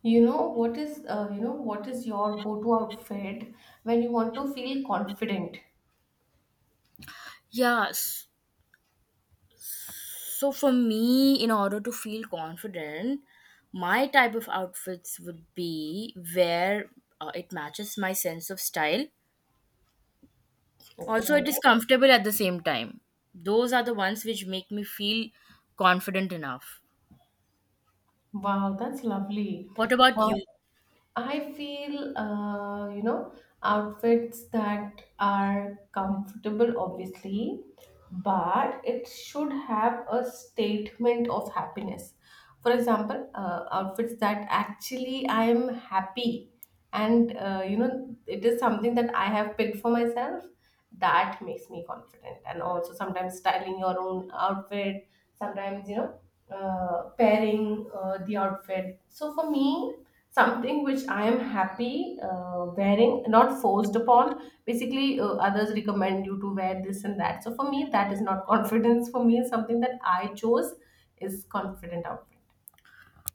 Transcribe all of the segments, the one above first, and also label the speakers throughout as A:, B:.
A: You know what is your go-to outfit when you want to feel confident?
B: Yes. So for me, in order to feel confident, my type of outfits would be where it matches my sense of style. Also,
A: Okay.
B: it is comfortable at the same time. Those are the ones which make me feel confident enough.
A: Wow, that's lovely.
B: What about
A: Wow,
B: you?
A: I feel, outfits that are comfortable, obviously, but it should have a statement of happiness. For example, outfits that actually I am happy and, it is something that I have picked for myself that makes me confident. And also, sometimes styling your own outfit, sometimes, pairing the outfit. So, for me, something which I am happy wearing, not forced upon, basically others recommend you to wear this and that. So for me, that is not confidence. For me, something that I chose is confident outfit.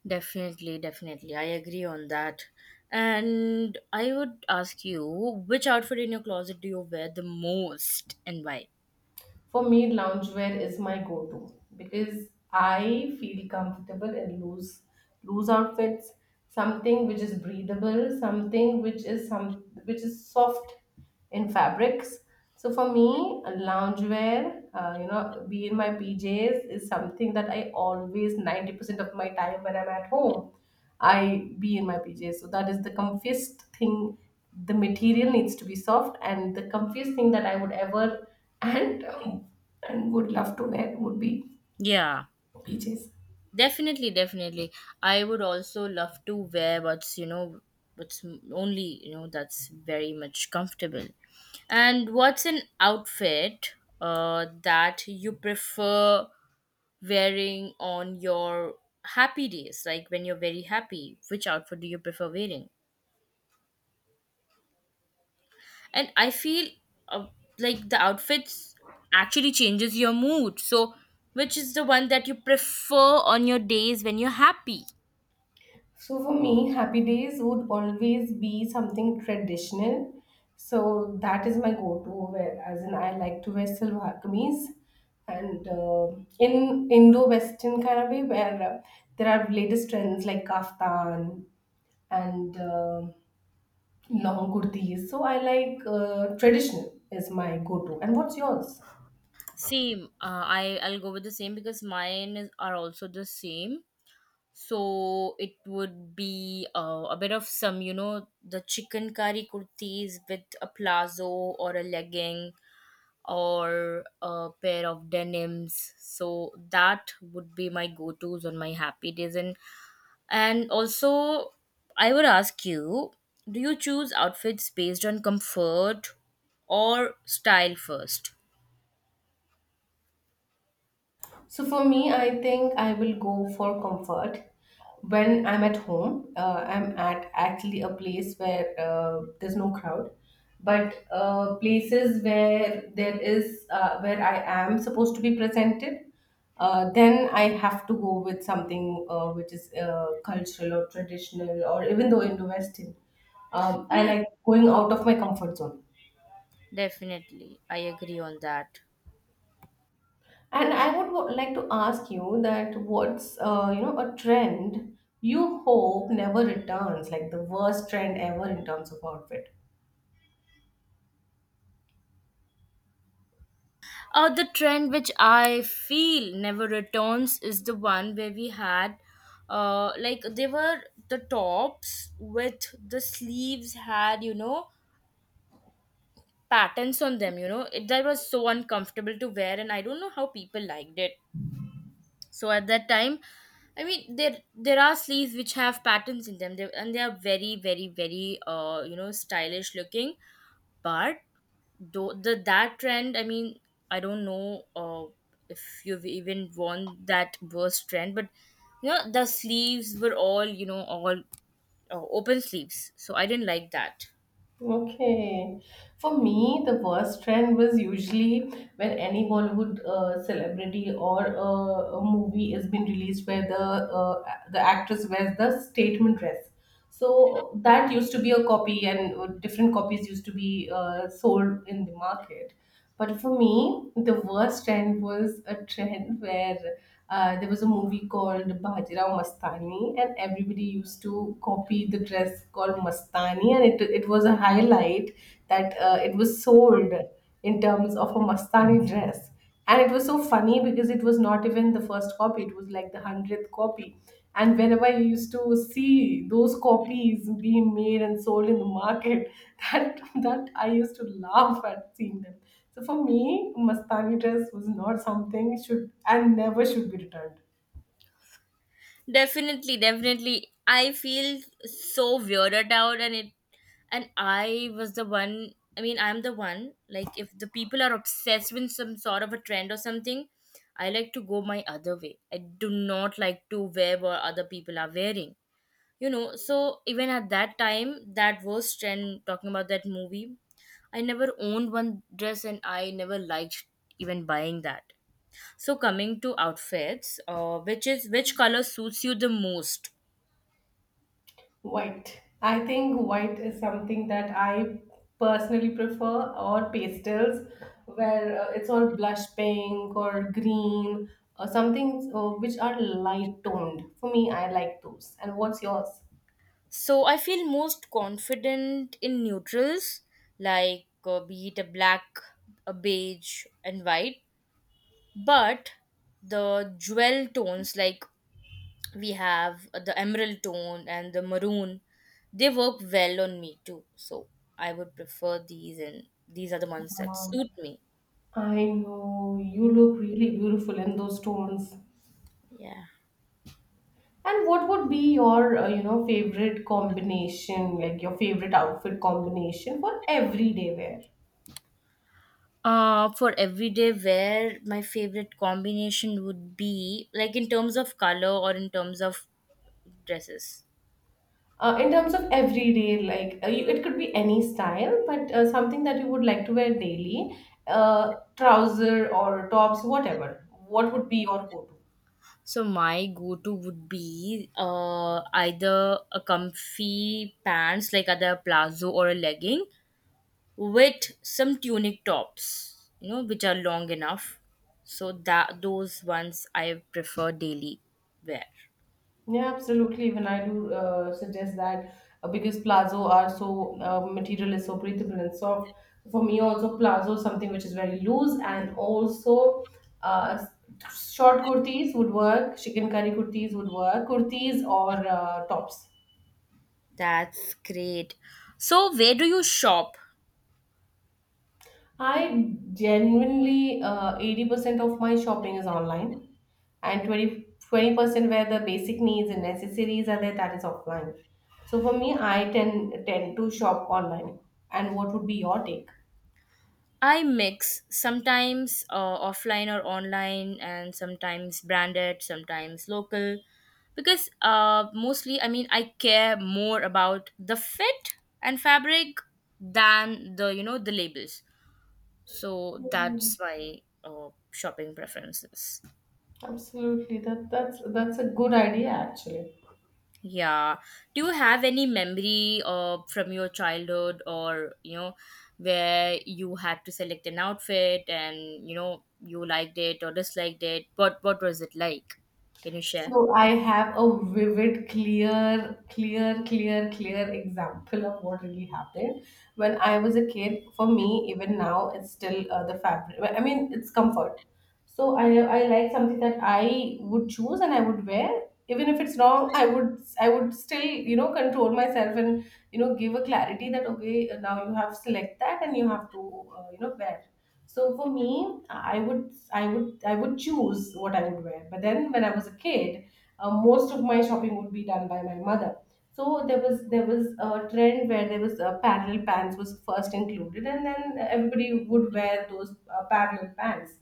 B: Definitely, definitely. I agree on that. And I would ask you, which outfit in your closet do you wear the most and why?
A: For me, loungewear is my go-to because I feel comfortable in loose outfits, something which is breathable, something which is soft in fabrics. So for me, a loungewear, be in my PJs is something that I always 90% of my time when I'm at home. I be in my PJs. So that is the comfiest thing. The material needs to be soft, and the comfiest thing that I would ever and um, and would love to wear would be
B: Yeah.
A: PJs.
B: Definitely, definitely. I would also love to wear what's only, that's very much comfortable. And what's an outfit that you prefer wearing on your happy days, like when you're very happy? Which outfit do you prefer wearing? And I feel uh, like the outfits actually changes your mood. So, which is the one that you prefer on your days when you're happy?
A: So for me, happy days would always be something traditional. So that is my go-to wear. As in, I like to wear salwar kameez and in Indo-Western kind of way, where there are latest trends like kaftan and long kurtis. So I like traditional is my go-to. And what's yours?
B: Same. I'll go with the same because mine is are also the same. So it would be a bit of some, you know, the chicken curry kurtis with a plazo or a legging or a pair of denims. So that would be my go-tos on my happy days, and also I would ask you, do you choose outfits based on comfort or style first?
A: So for me, I think I will go for comfort. When I'm at home, I'm at actually a place where there's no crowd, but places where there is, where I am supposed to be presented, then I have to go with something which is cultural or traditional, or even though Indo-Western. I
B: Yeah.
A: like going out of my comfort zone.
B: Definitely, I agree on that.
A: And I would like to ask you that, what's, a trend you hope never returns, like the worst trend ever in terms of outfit?
B: The trend which I feel never returns is the one where we had, like they were the tops with the sleeves had, you know, patterns on them. You know it, that was so uncomfortable to wear, and I don't know how people liked it. So at that time, I mean, there are sleeves which have patterns in them, they, and they are very, very, very you know, stylish looking, but do the that trend, I mean, I don't know, if you've even worn that worst trend, but you know the sleeves were all, you know, all open sleeves, so I didn't like that.
A: Okay, for me the worst trend was usually when any Bollywood celebrity or a movie has been released where the uh, actress wears the statement dress. So that used to be a copy, and different copies used to be sold in the market. But for me, the worst trend was a trend where there was a movie called Bajirao Mastani, and everybody used to copy the dress called Mastani, and it was a highlight that it was sold in terms of a Mastani dress. And it was so funny because it was not even the first copy, it was like the 100th copy. And whenever you used to see those copies being made and sold in the market, that that I used to laugh at seeing them. So for me, Mastani dress was not something should and never should be returned.
B: Definitely, definitely. I feel so weirded out, and it, and I was the one, I mean, I'm the one like if the people are obsessed with some sort of a trend or something, I like to go my other way. I do not like to wear what other people are wearing, you know. So even at that time that was trend talking about that movie, I never owned one dress, and I never liked even buying that. So coming to outfits, which is which color suits you the most?
A: White. I think white is something that I personally prefer, or pastels, where it's all blush pink or green, or something which are light toned. For me, I like those. And what's yours?
B: So I feel most confident in neutrals, like, be it a black, a beige, and white, but the jewel tones, like we have the emerald tone and the maroon, they work well on me too. So I would prefer these, and these are the ones that
A: Um,
B: suit me.
A: I know you look really beautiful in those tones.
B: Yeah.
A: And what would be your favorite combination, like your favorite outfit combination for everyday wear?
B: For everyday wear my favorite combination would be like in terms of color or in terms of dresses.
A: In terms of everyday, like, it could be any style, but something that you would like to wear daily, trouser or tops, whatever. What would be your go-to?
B: So my go-to would be either a comfy pants like either a plazo or a legging with some tunic tops, you know, which are long enough. So that those ones I prefer daily wear.
A: Yeah, absolutely. Even I do suggest that, because plazo are so, material is so breathable and soft. For me, also plazo is something which is very loose and also uh, short kurtis would work. Chicken curry kurtis would work. Kurtis or tops.
B: That's great. So where do you shop?
A: I genuinely 80% of my shopping is online, and twenty twenty percent where the basic needs and necessities are there, that is offline. So for me, I tend to shop online. And what would be your take?
B: I mix sometimes offline or online, and sometimes branded, sometimes local, because mostly, I mean, I care more about the fit and fabric than, the the labels. So that's
A: Mhm.
B: my shopping preferences.
A: Absolutely, that's a good idea actually.
B: Yeah. Do you have any memory from your childhood or, you know, where you had to select an outfit and, you know, you liked it or disliked it? What was it like? Can you share?
A: So I have a vivid, clear, clear, clear, clear example of what really happened when I was a kid. For me, even now, it's still the fabric. I mean, it's comfort. So I like something that I would choose and I would wear, even if it's wrong. I would still, control myself and, give a clarity that, okay, now you have select that, and you have to, wear. So for me, I would choose what I would wear. But then when I was a kid, most of my shopping would be done by my mother. So there was a trend where there was parallel pants was first included, and then everybody would wear those parallel pants.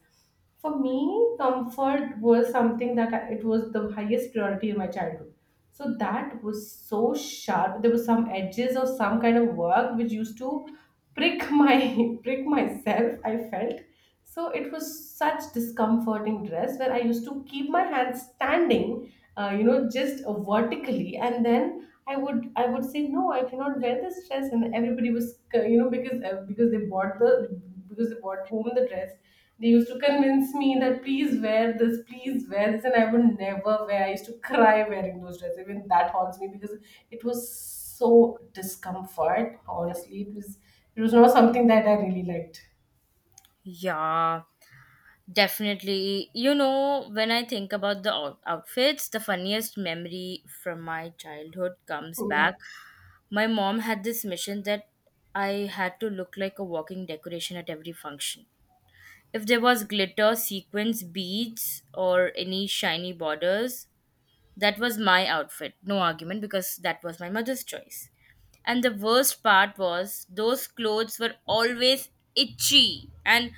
A: For me, comfort was something that it was the highest priority in my childhood. So that was so sharp. There was some edges or some kind of work which used to prick my prick myself, I felt. So it was such discomforting dress where I used to keep my hands standing, just vertically, and then I would say no, I cannot wear this dress, and everybody was because they bought the because they bought home the dress, they used to convince me that please wear this, and I would never wear. I used to cry wearing those dresses. Even that haunts me because it was so discomfort. Honestly, it was, not something that I really liked.
B: Yeah, definitely. You know, when I think about the outfits, the funniest memory from my childhood comes back. My mom had this mission that I had to look like a walking decoration at every function. If there was glitter, sequins, beads, or any shiny borders, that was my outfit. No argument, because that was my mother's choice. And the worst part was those clothes were always itchy, and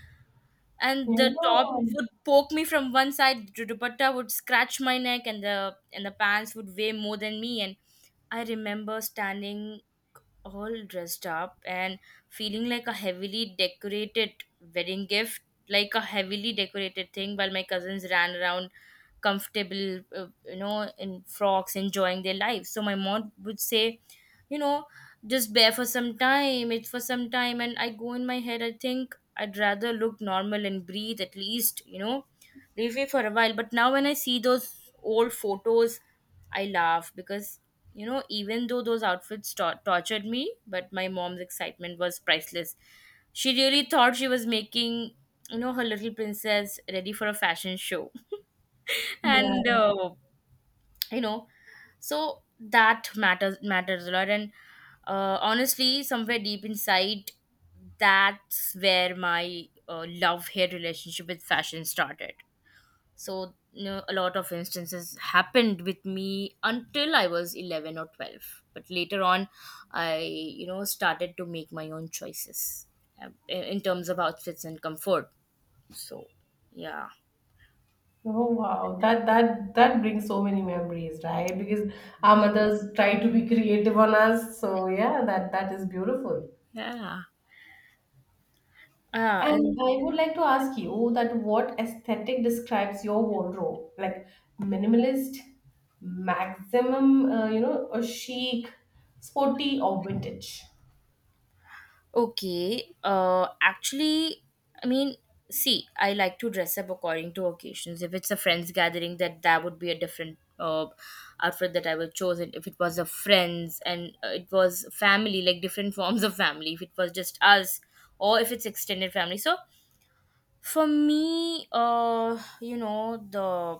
B: the top
A: Yeah,
B: would poke me from one side, the dupatta would scratch my neck, and the pants would weigh more than me. And I remember standing all dressed up and feeling like a heavily decorated wedding gift, like a heavily decorated thing, while my cousins ran around comfortable, you know, in frocks, enjoying their lives. So my mom would say, you know, just bear for some time, it's for some time. And I go in my head, I think I'd rather look normal and breathe at least, you know. Leafy for a while, but now when I see those old photos, I laugh because, you know, even though those outfits tortured me, but my mom's excitement was priceless. She really thought she was making, you know, her little princess ready for a fashion show, and
A: yeah.
B: you know, so that matters a lot. And honestly, somewhere deep inside, that's where my love hate relationship with fashion started. So you know, a lot of instances happened with me until I was 11 or 12. But later on, I, you know, started to make my own choices in terms of outfits and comfort. So, yeah.
A: Oh wow, that brings so many memories, right? Because our mothers try to be creative on us, so yeah, that is beautiful.
B: Yeah. Ah, and
A: And I would like to ask you that, what aesthetic describes your wardrobe? Like minimalist, maximum, or chic, sporty, or vintage?
B: Okay. Actually, I mean, see, I like to dress up according to occasions. If it's a friends gathering, that that would be a different outfit that I would chosen. If it was a friends and it was family, like different forms of family. If it was just us, or if it's extended family. So for me, you know,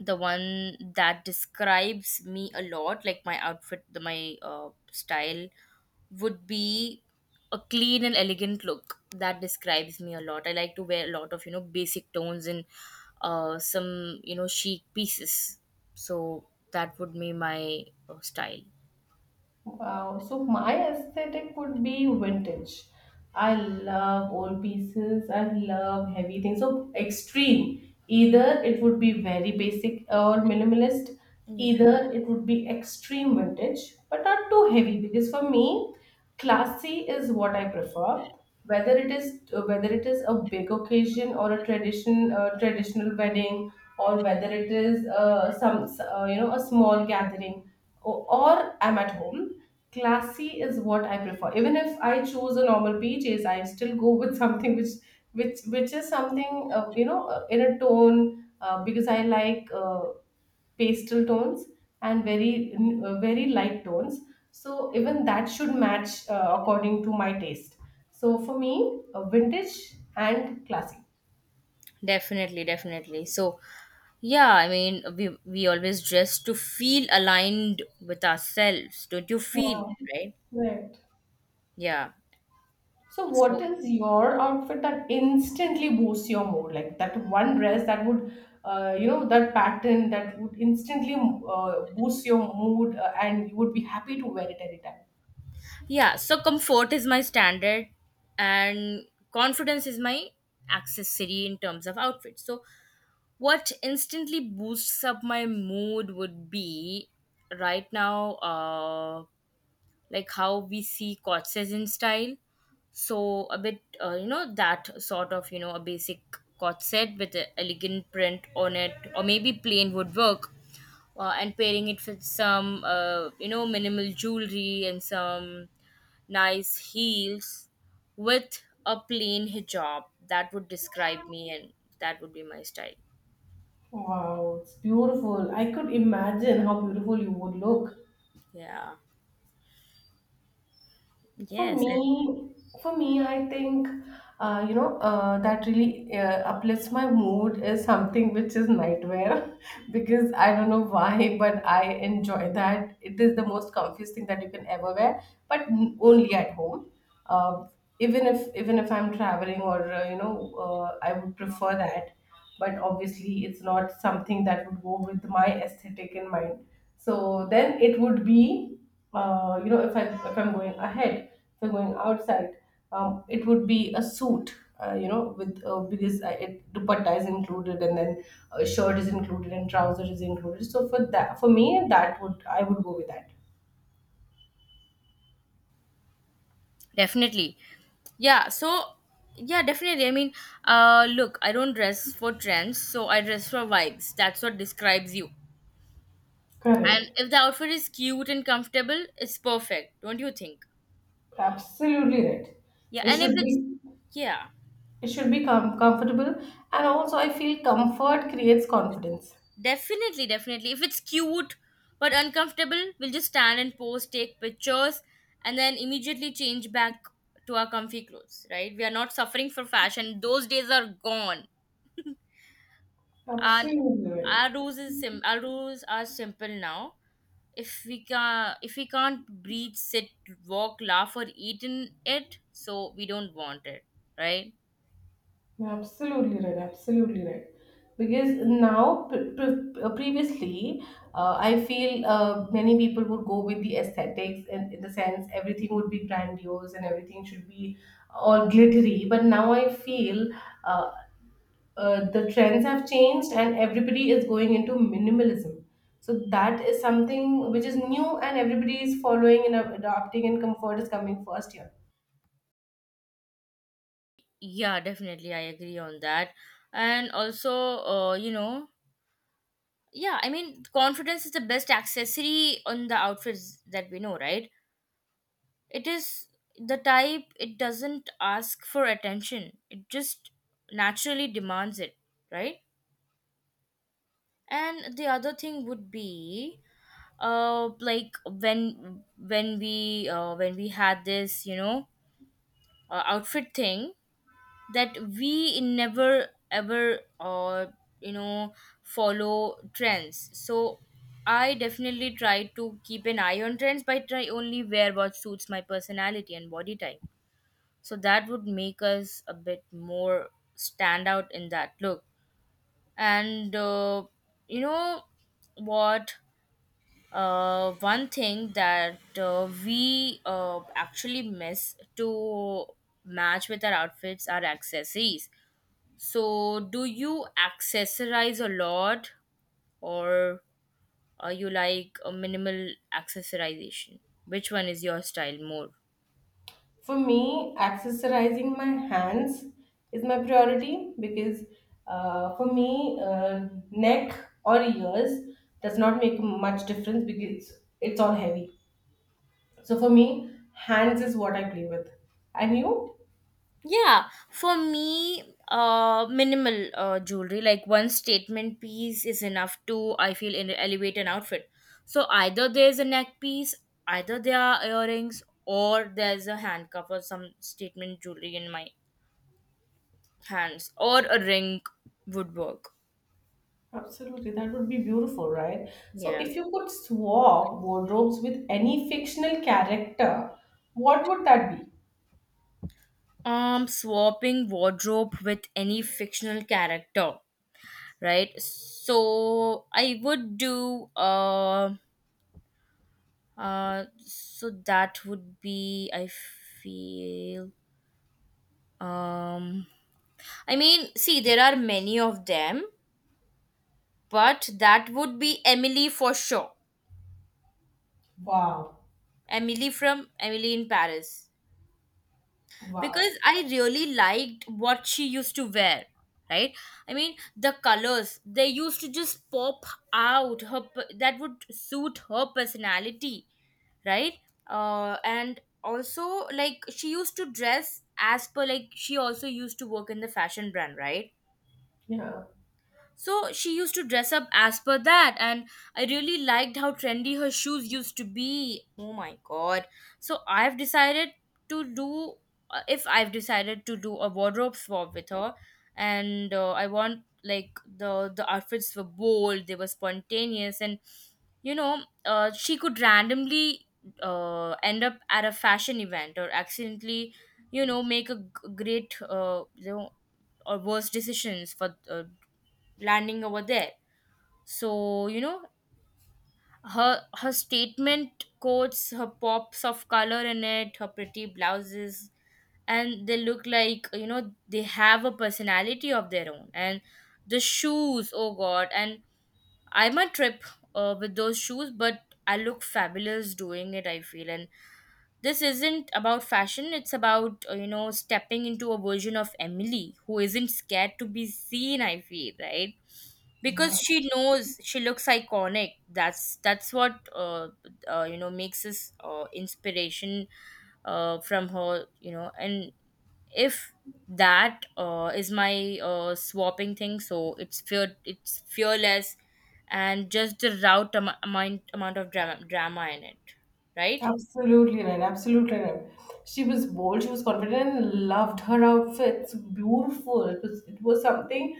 B: the one that describes me a lot, like my outfit, the my style, would be a clean and elegant look. That describes me a lot. I like to wear a lot of, you know, basic tones and some, you know, chic pieces. So that would be my style.
A: Wow. So my aesthetic would be vintage. I love old pieces. I love heavy things. So extreme. Either it would be very basic or minimalist.
B: Yeah.
A: Either it would be extreme vintage, but not too heavy because for me, classy is what I prefer. Whether it is a big occasion or a tradition, a traditional wedding, or whether it is some, a small gathering, or I'm at home, classy is what I prefer. Even if I choose a normal PJs, I still go with something which is something, in a tone, because I like pastel tones and very, very light tones, so even that should match according to my taste. So for me, vintage and classy.
B: Definitely, definitely. So yeah, I mean, we always dress to feel aligned with ourselves, don't you feel?
A: Yeah,
B: Right?
A: right.
B: Yeah,
A: So,
B: so
A: what is your outfit that instantly boosts your mood? Like that one dress that would, that pattern that would instantly boost your mood, and you would be happy to wear it anytime.
B: Yeah, so comfort is my standard, and confidence is my accessory in terms of outfit. So what instantly boosts up my mood would be right now, like how we see corsets in style. So a bit, you know, that sort of, you know, a basic corset with an elegant print on it, or maybe plain would work. And pairing it with some, you know, minimal jewelry and some nice heels with a plain hijab. That would describe me, and that would be my style.
A: Wow, it's beautiful. I could imagine how beautiful you would look.
B: Yeah.
A: For
B: Yes.
A: me, for me, I think, that really uplifts my mood is something which is nightwear, because I don't know why, but I enjoy that. It is the most comfiest thing that you can ever wear, but only at home. Uh, even if I'm traveling, or I would prefer that, but obviously it's not something that would go with my aesthetic in mind. So then it would be, if I'm going ahead, if I'm going outside, it would be a suit, with, because it dupatta is included, and then a shirt is included, and trousers is included. So for that, for me, that would I would go with that.
B: Definitely. Yeah, so yeah, definitely. I mean, look, I don't dress for trends, so I dress for vibes. That's what describes you. And
A: Correct.
B: if the outfit is cute and comfortable, it's perfect, don't you think?
A: Absolutely right.
B: Yeah,
A: It
B: and if
A: should
B: it's
A: be
B: yeah,
A: it should be com- comfortable, and also I feel comfort creates confidence.
B: definitely, definitely. If it's cute but uncomfortable, we'll just stand and pose, take pictures, and then immediately change back to our comfy clothes, right? We are not suffering for fashion. Those days are gone. And
A: Absolutely right.
B: our rules is our rules are simple now. If we can, if we can't breathe, sit, walk, laugh, or eat in it, so we don't want it, right?
A: You're absolutely right. Absolutely right. Because now, previously, I feel many people would go with the aesthetics, and in the sense everything would be grandiose and everything should be all glittery. But now I feel, uh, the trends have changed, and everybody is going into minimalism. So that is something which is new, and everybody is following and adopting, and comfort is coming first here.
B: Yeah, definitely, I agree on that. And also, you know, yeah, I mean, confidence is the best accessory on the outfits that we know, right? It is the type, it doesn't ask for attention, it just naturally demands it, right? And the other thing would be, like when, when we had this, you know, outfit thing, that we never ever you know follow trends. So I definitely try to keep an eye on trends, but I only wear what suits my personality and body type. So that would make us a bit more stand out in that look. And you know what, one thing that we actually miss to match with our outfits are accessories. So, do you accessorize a lot, or are you like a minimal accessorization? Which one is your style more?
A: For me, accessorizing my hands is my priority because, for me, neck or ears does not make much difference because it's all heavy. So for me, hands is what I play with. And you?
B: Yeah, for me, minimal jewelry, like one statement piece is enough to, I feel, elevate an outfit. So either there's a neck piece, either there are earrings, or there's a handcuff or some statement jewelry in my hands, or a ring would work.
A: Absolutely, that would be beautiful, right? So
B: Yeah.
A: if you could swap wardrobes with any fictional character, what would that be?
B: Swapping wardrobe with any fictional character, right? So I would do so that would be, I feel, um, I mean, see, there are many of them, but that would be Emily for sure.
A: Wow,
B: Emily from Emily in Paris. Because
A: wow,
B: I really liked what she used to wear, right? I mean, the colors, they used to just pop out. That would suit her personality. Right. And also, like, she used to dress as per, like, she also used to work in the fashion brand, right?
A: yeah,
B: So she used to dress up as per that, and I really liked how trendy her shoes used to be. Oh my god. So I've decided to do, if I've decided to do a wardrobe swap with her, and I want, like, the outfits were bold, they were spontaneous, and she could randomly end up at a fashion event or accidentally, make a great, or worse decisions for landing over there. So, you know, her statement coats, her pops of color in it, her pretty blouses, and they look like, you know, they have a personality of their own. And the shoes, oh god, and I'm a trip with those shoes, but I look fabulous doing it, I feel. And this isn't about fashion, it's about, you know, stepping into a version of Emily who isn't scared to be seen, I feel, right? Because
A: yeah.
B: she knows she looks iconic. That's what you know makes us, inspiration from her, you know. And if that is my swapping thing, so it's fearless, and just the route, amount of drama in it, right?
A: Absolutely right. Absolutely right. She was bold. She was confident and loved her outfits. Beautiful. It was something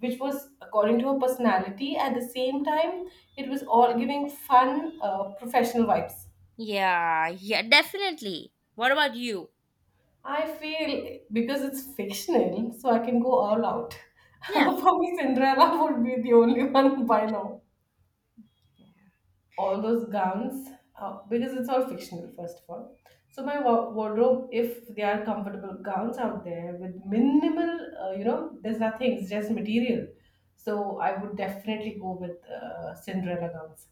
A: which was according to her personality. At the same time, it was all giving fun, professional vibes.
B: Yeah, yeah, definitely. What about you?
A: I feel because it's fictional, so I can go all out. For
B: Yeah.
A: me, Cinderella would be the only one by now. All those gowns, because it's all fictional. First of all, so my wardrobe, if there are comfortable gowns out there with minimal, there's nothing, it's just material. So I would definitely go with Cinderella gowns.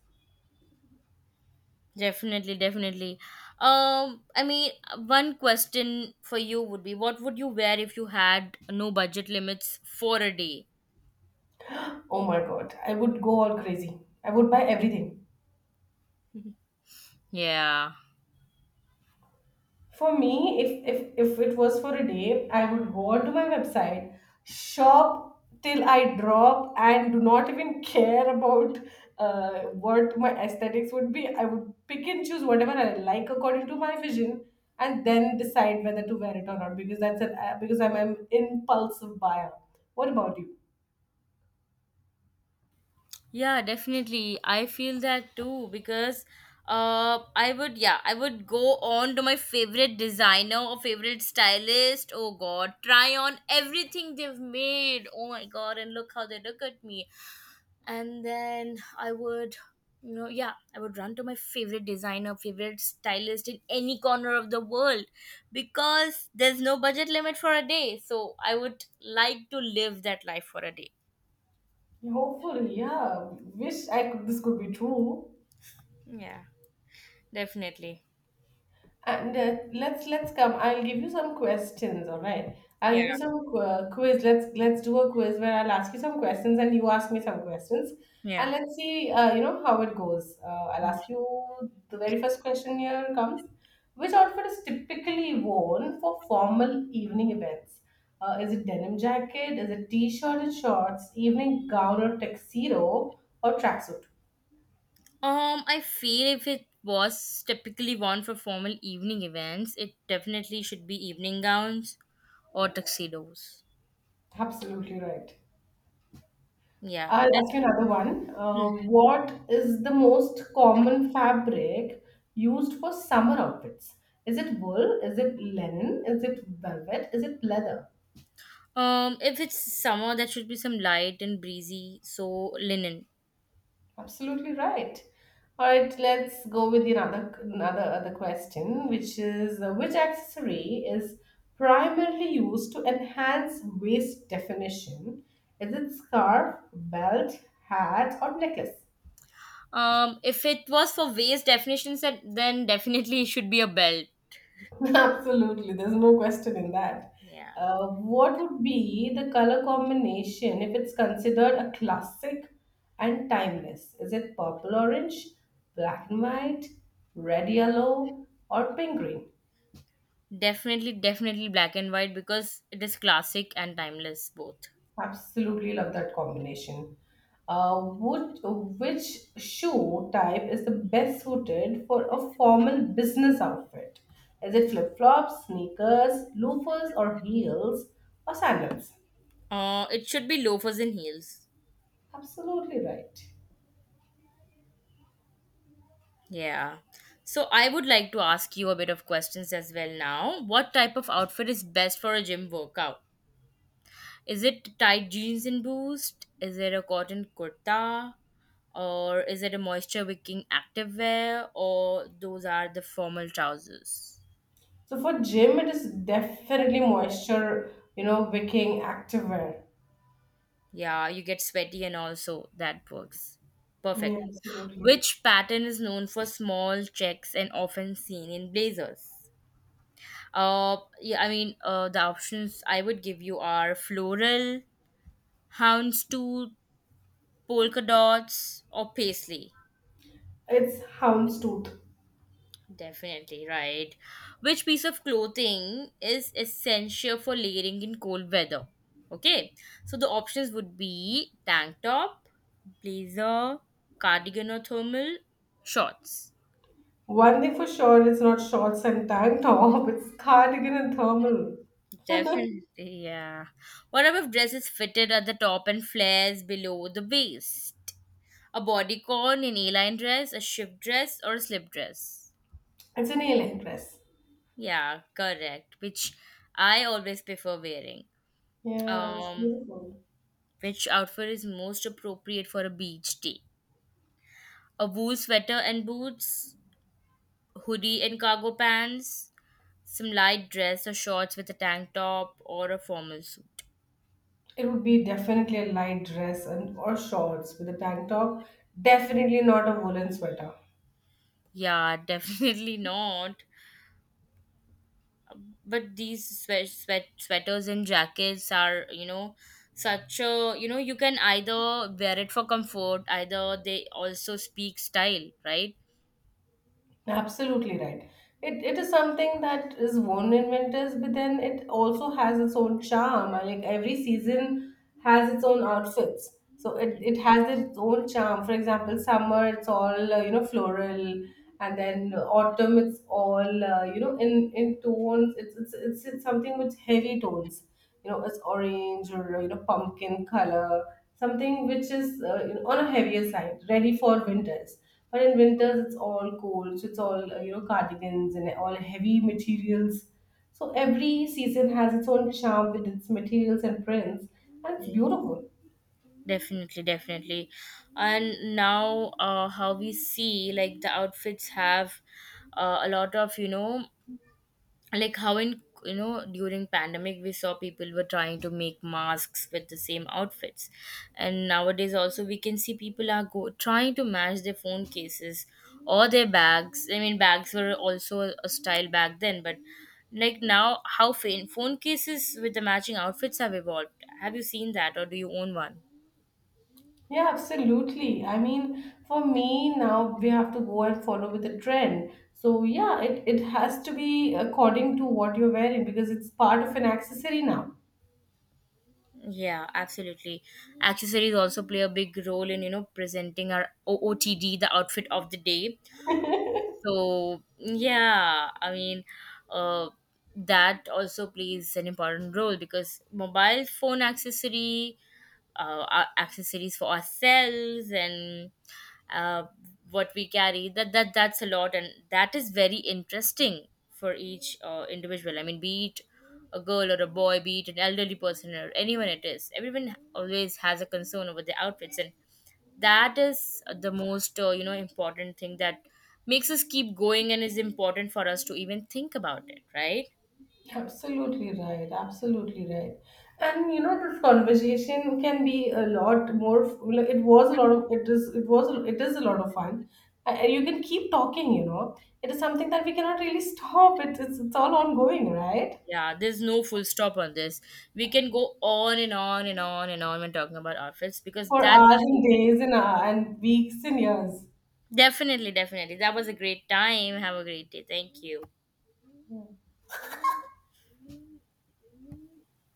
B: Definitely, definitely. I mean, one question for you would be, what would you wear if you had no budget limits for a day?
A: Oh my god, I would go all crazy, I would buy everything.
B: Yeah.
A: For me, if it was for a day, I would go onto my website, shop till I drop, and do not even care about what my aesthetics would be. I would pick and choose whatever I like according to my vision, and then decide whether to wear it or not. Because I'm an impulsive buyer. What about you?
B: Yeah, definitely. I feel that too because I would, yeah, I would go on to my favorite designer or favorite stylist. Oh god, try on everything they've made. Oh my god, and look how they look at me. And then I would, you know, yeah, I would run to my favorite designer, favorite stylist in any corner of the world, because there's no budget limit for a day, so I would like to live that life for a day.
A: Hopefully, yeah. Wish I could. This could be true.
B: Yeah. Definitely.
A: And let's come. I'll give you some questions. All right. I'll
B: Yeah.
A: give you some quiz. Let's do a quiz where I'll ask you some questions and you ask me some questions,
B: Yeah.
A: and let's see. You know how it goes. I'll ask you the very first question. Here comes. Which outfit is typically worn for formal evening events? Is it denim jacket? Is it t-shirt and shorts, evening gown or tuxedo or tracksuit?
B: I feel if it was typically worn for formal evening events, it definitely should be evening gowns or tuxedos.
A: Absolutely right.
B: Yeah.
A: I'll
B: And-
A: ask you another one. What is the most common fabric used for summer outfits? Is it wool? Is it linen? Is it velvet? Is it leather?
B: If it's summer, that should be some light and breezy, so linen.
A: Absolutely right. All right, let's go with the another another other question, which is which accessory is primarily used to enhance waist definition? Is it scarf, belt, hat, or necklace?
B: If it was for waist definitions, then definitely it should be a belt.
A: Absolutely, there's no question in that.
B: Yeah,
A: What would be the color combination if it's considered a classic and timeless? Is it purple orange, black and white, red yellow, or pink green?
B: definitely, definitely black and white, because it is classic and timeless both.
A: Absolutely love that combination. Would, Which shoe type is the best suited for a formal business outfit? Is it flip flops, sneakers, loafers, or heels, or sandals?
B: It should be loafers and heels.
A: Absolutely right.
B: Yeah. So I would like to ask you a bit of questions as well now. What type of outfit is best for a gym workout? Is it tight jeans and boost? Is it a cotton kurta? Or is it a moisture wicking activewear? Or those are the formal trousers?
A: So for gym, it is definitely moisture, you know, wicking activewear.
B: Yeah, you get sweaty and also that works.
A: Yeah,
B: Perfect.
A: absolutely.
B: Which pattern is known for small checks and often seen in blazers? The options I would give you are floral, houndstooth, polka dots, or paisley.
A: It's houndstooth.
B: Definitely right. Which piece of clothing is essential for layering in cold weather? Okay, so the options would be tank top, blazer, cardigan or thermal, shorts.
A: One thing for sure, it's not shorts and tank top. It's cardigan and thermal.
B: Definitely, yeah. What about dress is fitted at the top and flares below the waist? A bodycon, an A-line dress, a shift dress, or a slip dress?
A: It's an A-line dress.
B: Yeah, correct. Which I always prefer wearing.
A: Yeah, it's
B: Um,
A: beautiful.
B: Which outfit is most appropriate for a beach day? A wool sweater and boots, hoodie and cargo pants, some light dress or shorts with a tank top, or a formal suit.
A: It would be definitely a light dress and or shorts with a tank top. Definitely not a woolen sweater.
B: Yeah, definitely not. But these sweaters and jackets are, you know, such a, you know, you can either wear it for comfort, either they also speak style, right?
A: Absolutely right. It is something that is worn in winters, but then it also has its own charm. Like every season has its own outfits. So it has its own charm. For example, summer, it's all, you know, floral. And then autumn, it's all, you know, in tones. It's something with heavy tones. You know, it's orange or, you know, pumpkin color, something which is you know, on a heavier side, ready for winters. But in winters it's all cold, so it's all you know, cardigans and all heavy materials. So every season has its own charm with its materials and prints, and it's
B: Yeah.
A: beautiful.
B: Definitely, definitely. And now, how we see, like, the outfits have a lot of, you know, like how in, you know, during pandemic we saw people were trying to make masks with the same outfits, and nowadays also we can see people are go trying to match their phone cases or their bags. I mean, bags were also a style back then, but, like, now, how phone cases with the matching outfits have evolved. Have you seen that, or do you own one?
A: Yeah, absolutely. I mean, for me now we have to go and follow with the trend. So yeah, it has to be according to what you're wearing because it's part of an accessory now.
B: Yeah, absolutely. Accessories also play a big role in, you know, presenting our OOTD, the outfit of the day. So, yeah, I mean, uh, that also plays an important role, because mobile phone accessory, our accessories for ourselves, and uh, what we carry, that's a lot, and that is very interesting for each individual. I mean, be it a girl or a boy, be it an elderly person or anyone, it is, everyone always has a concern over their outfits, and that is the most, you know, important thing that makes us keep going and is important for us to even think about it, right?
A: Absolutely right, absolutely right. And you know, this conversation can be a lot more. It was a lot of. It is. It was. It is a lot of fun. And you can keep talking. You know, it is something that we cannot really stop. It, it's. It's all ongoing, right?
B: Yeah, there's no full stop on this. We can go on and on and on and on when talking about outfits, because
A: For
B: that's
A: hours
B: our
A: and
B: favorite.
A: days and and weeks and years.
B: Definitely, definitely. That was a great time. Have a great day. Thank you.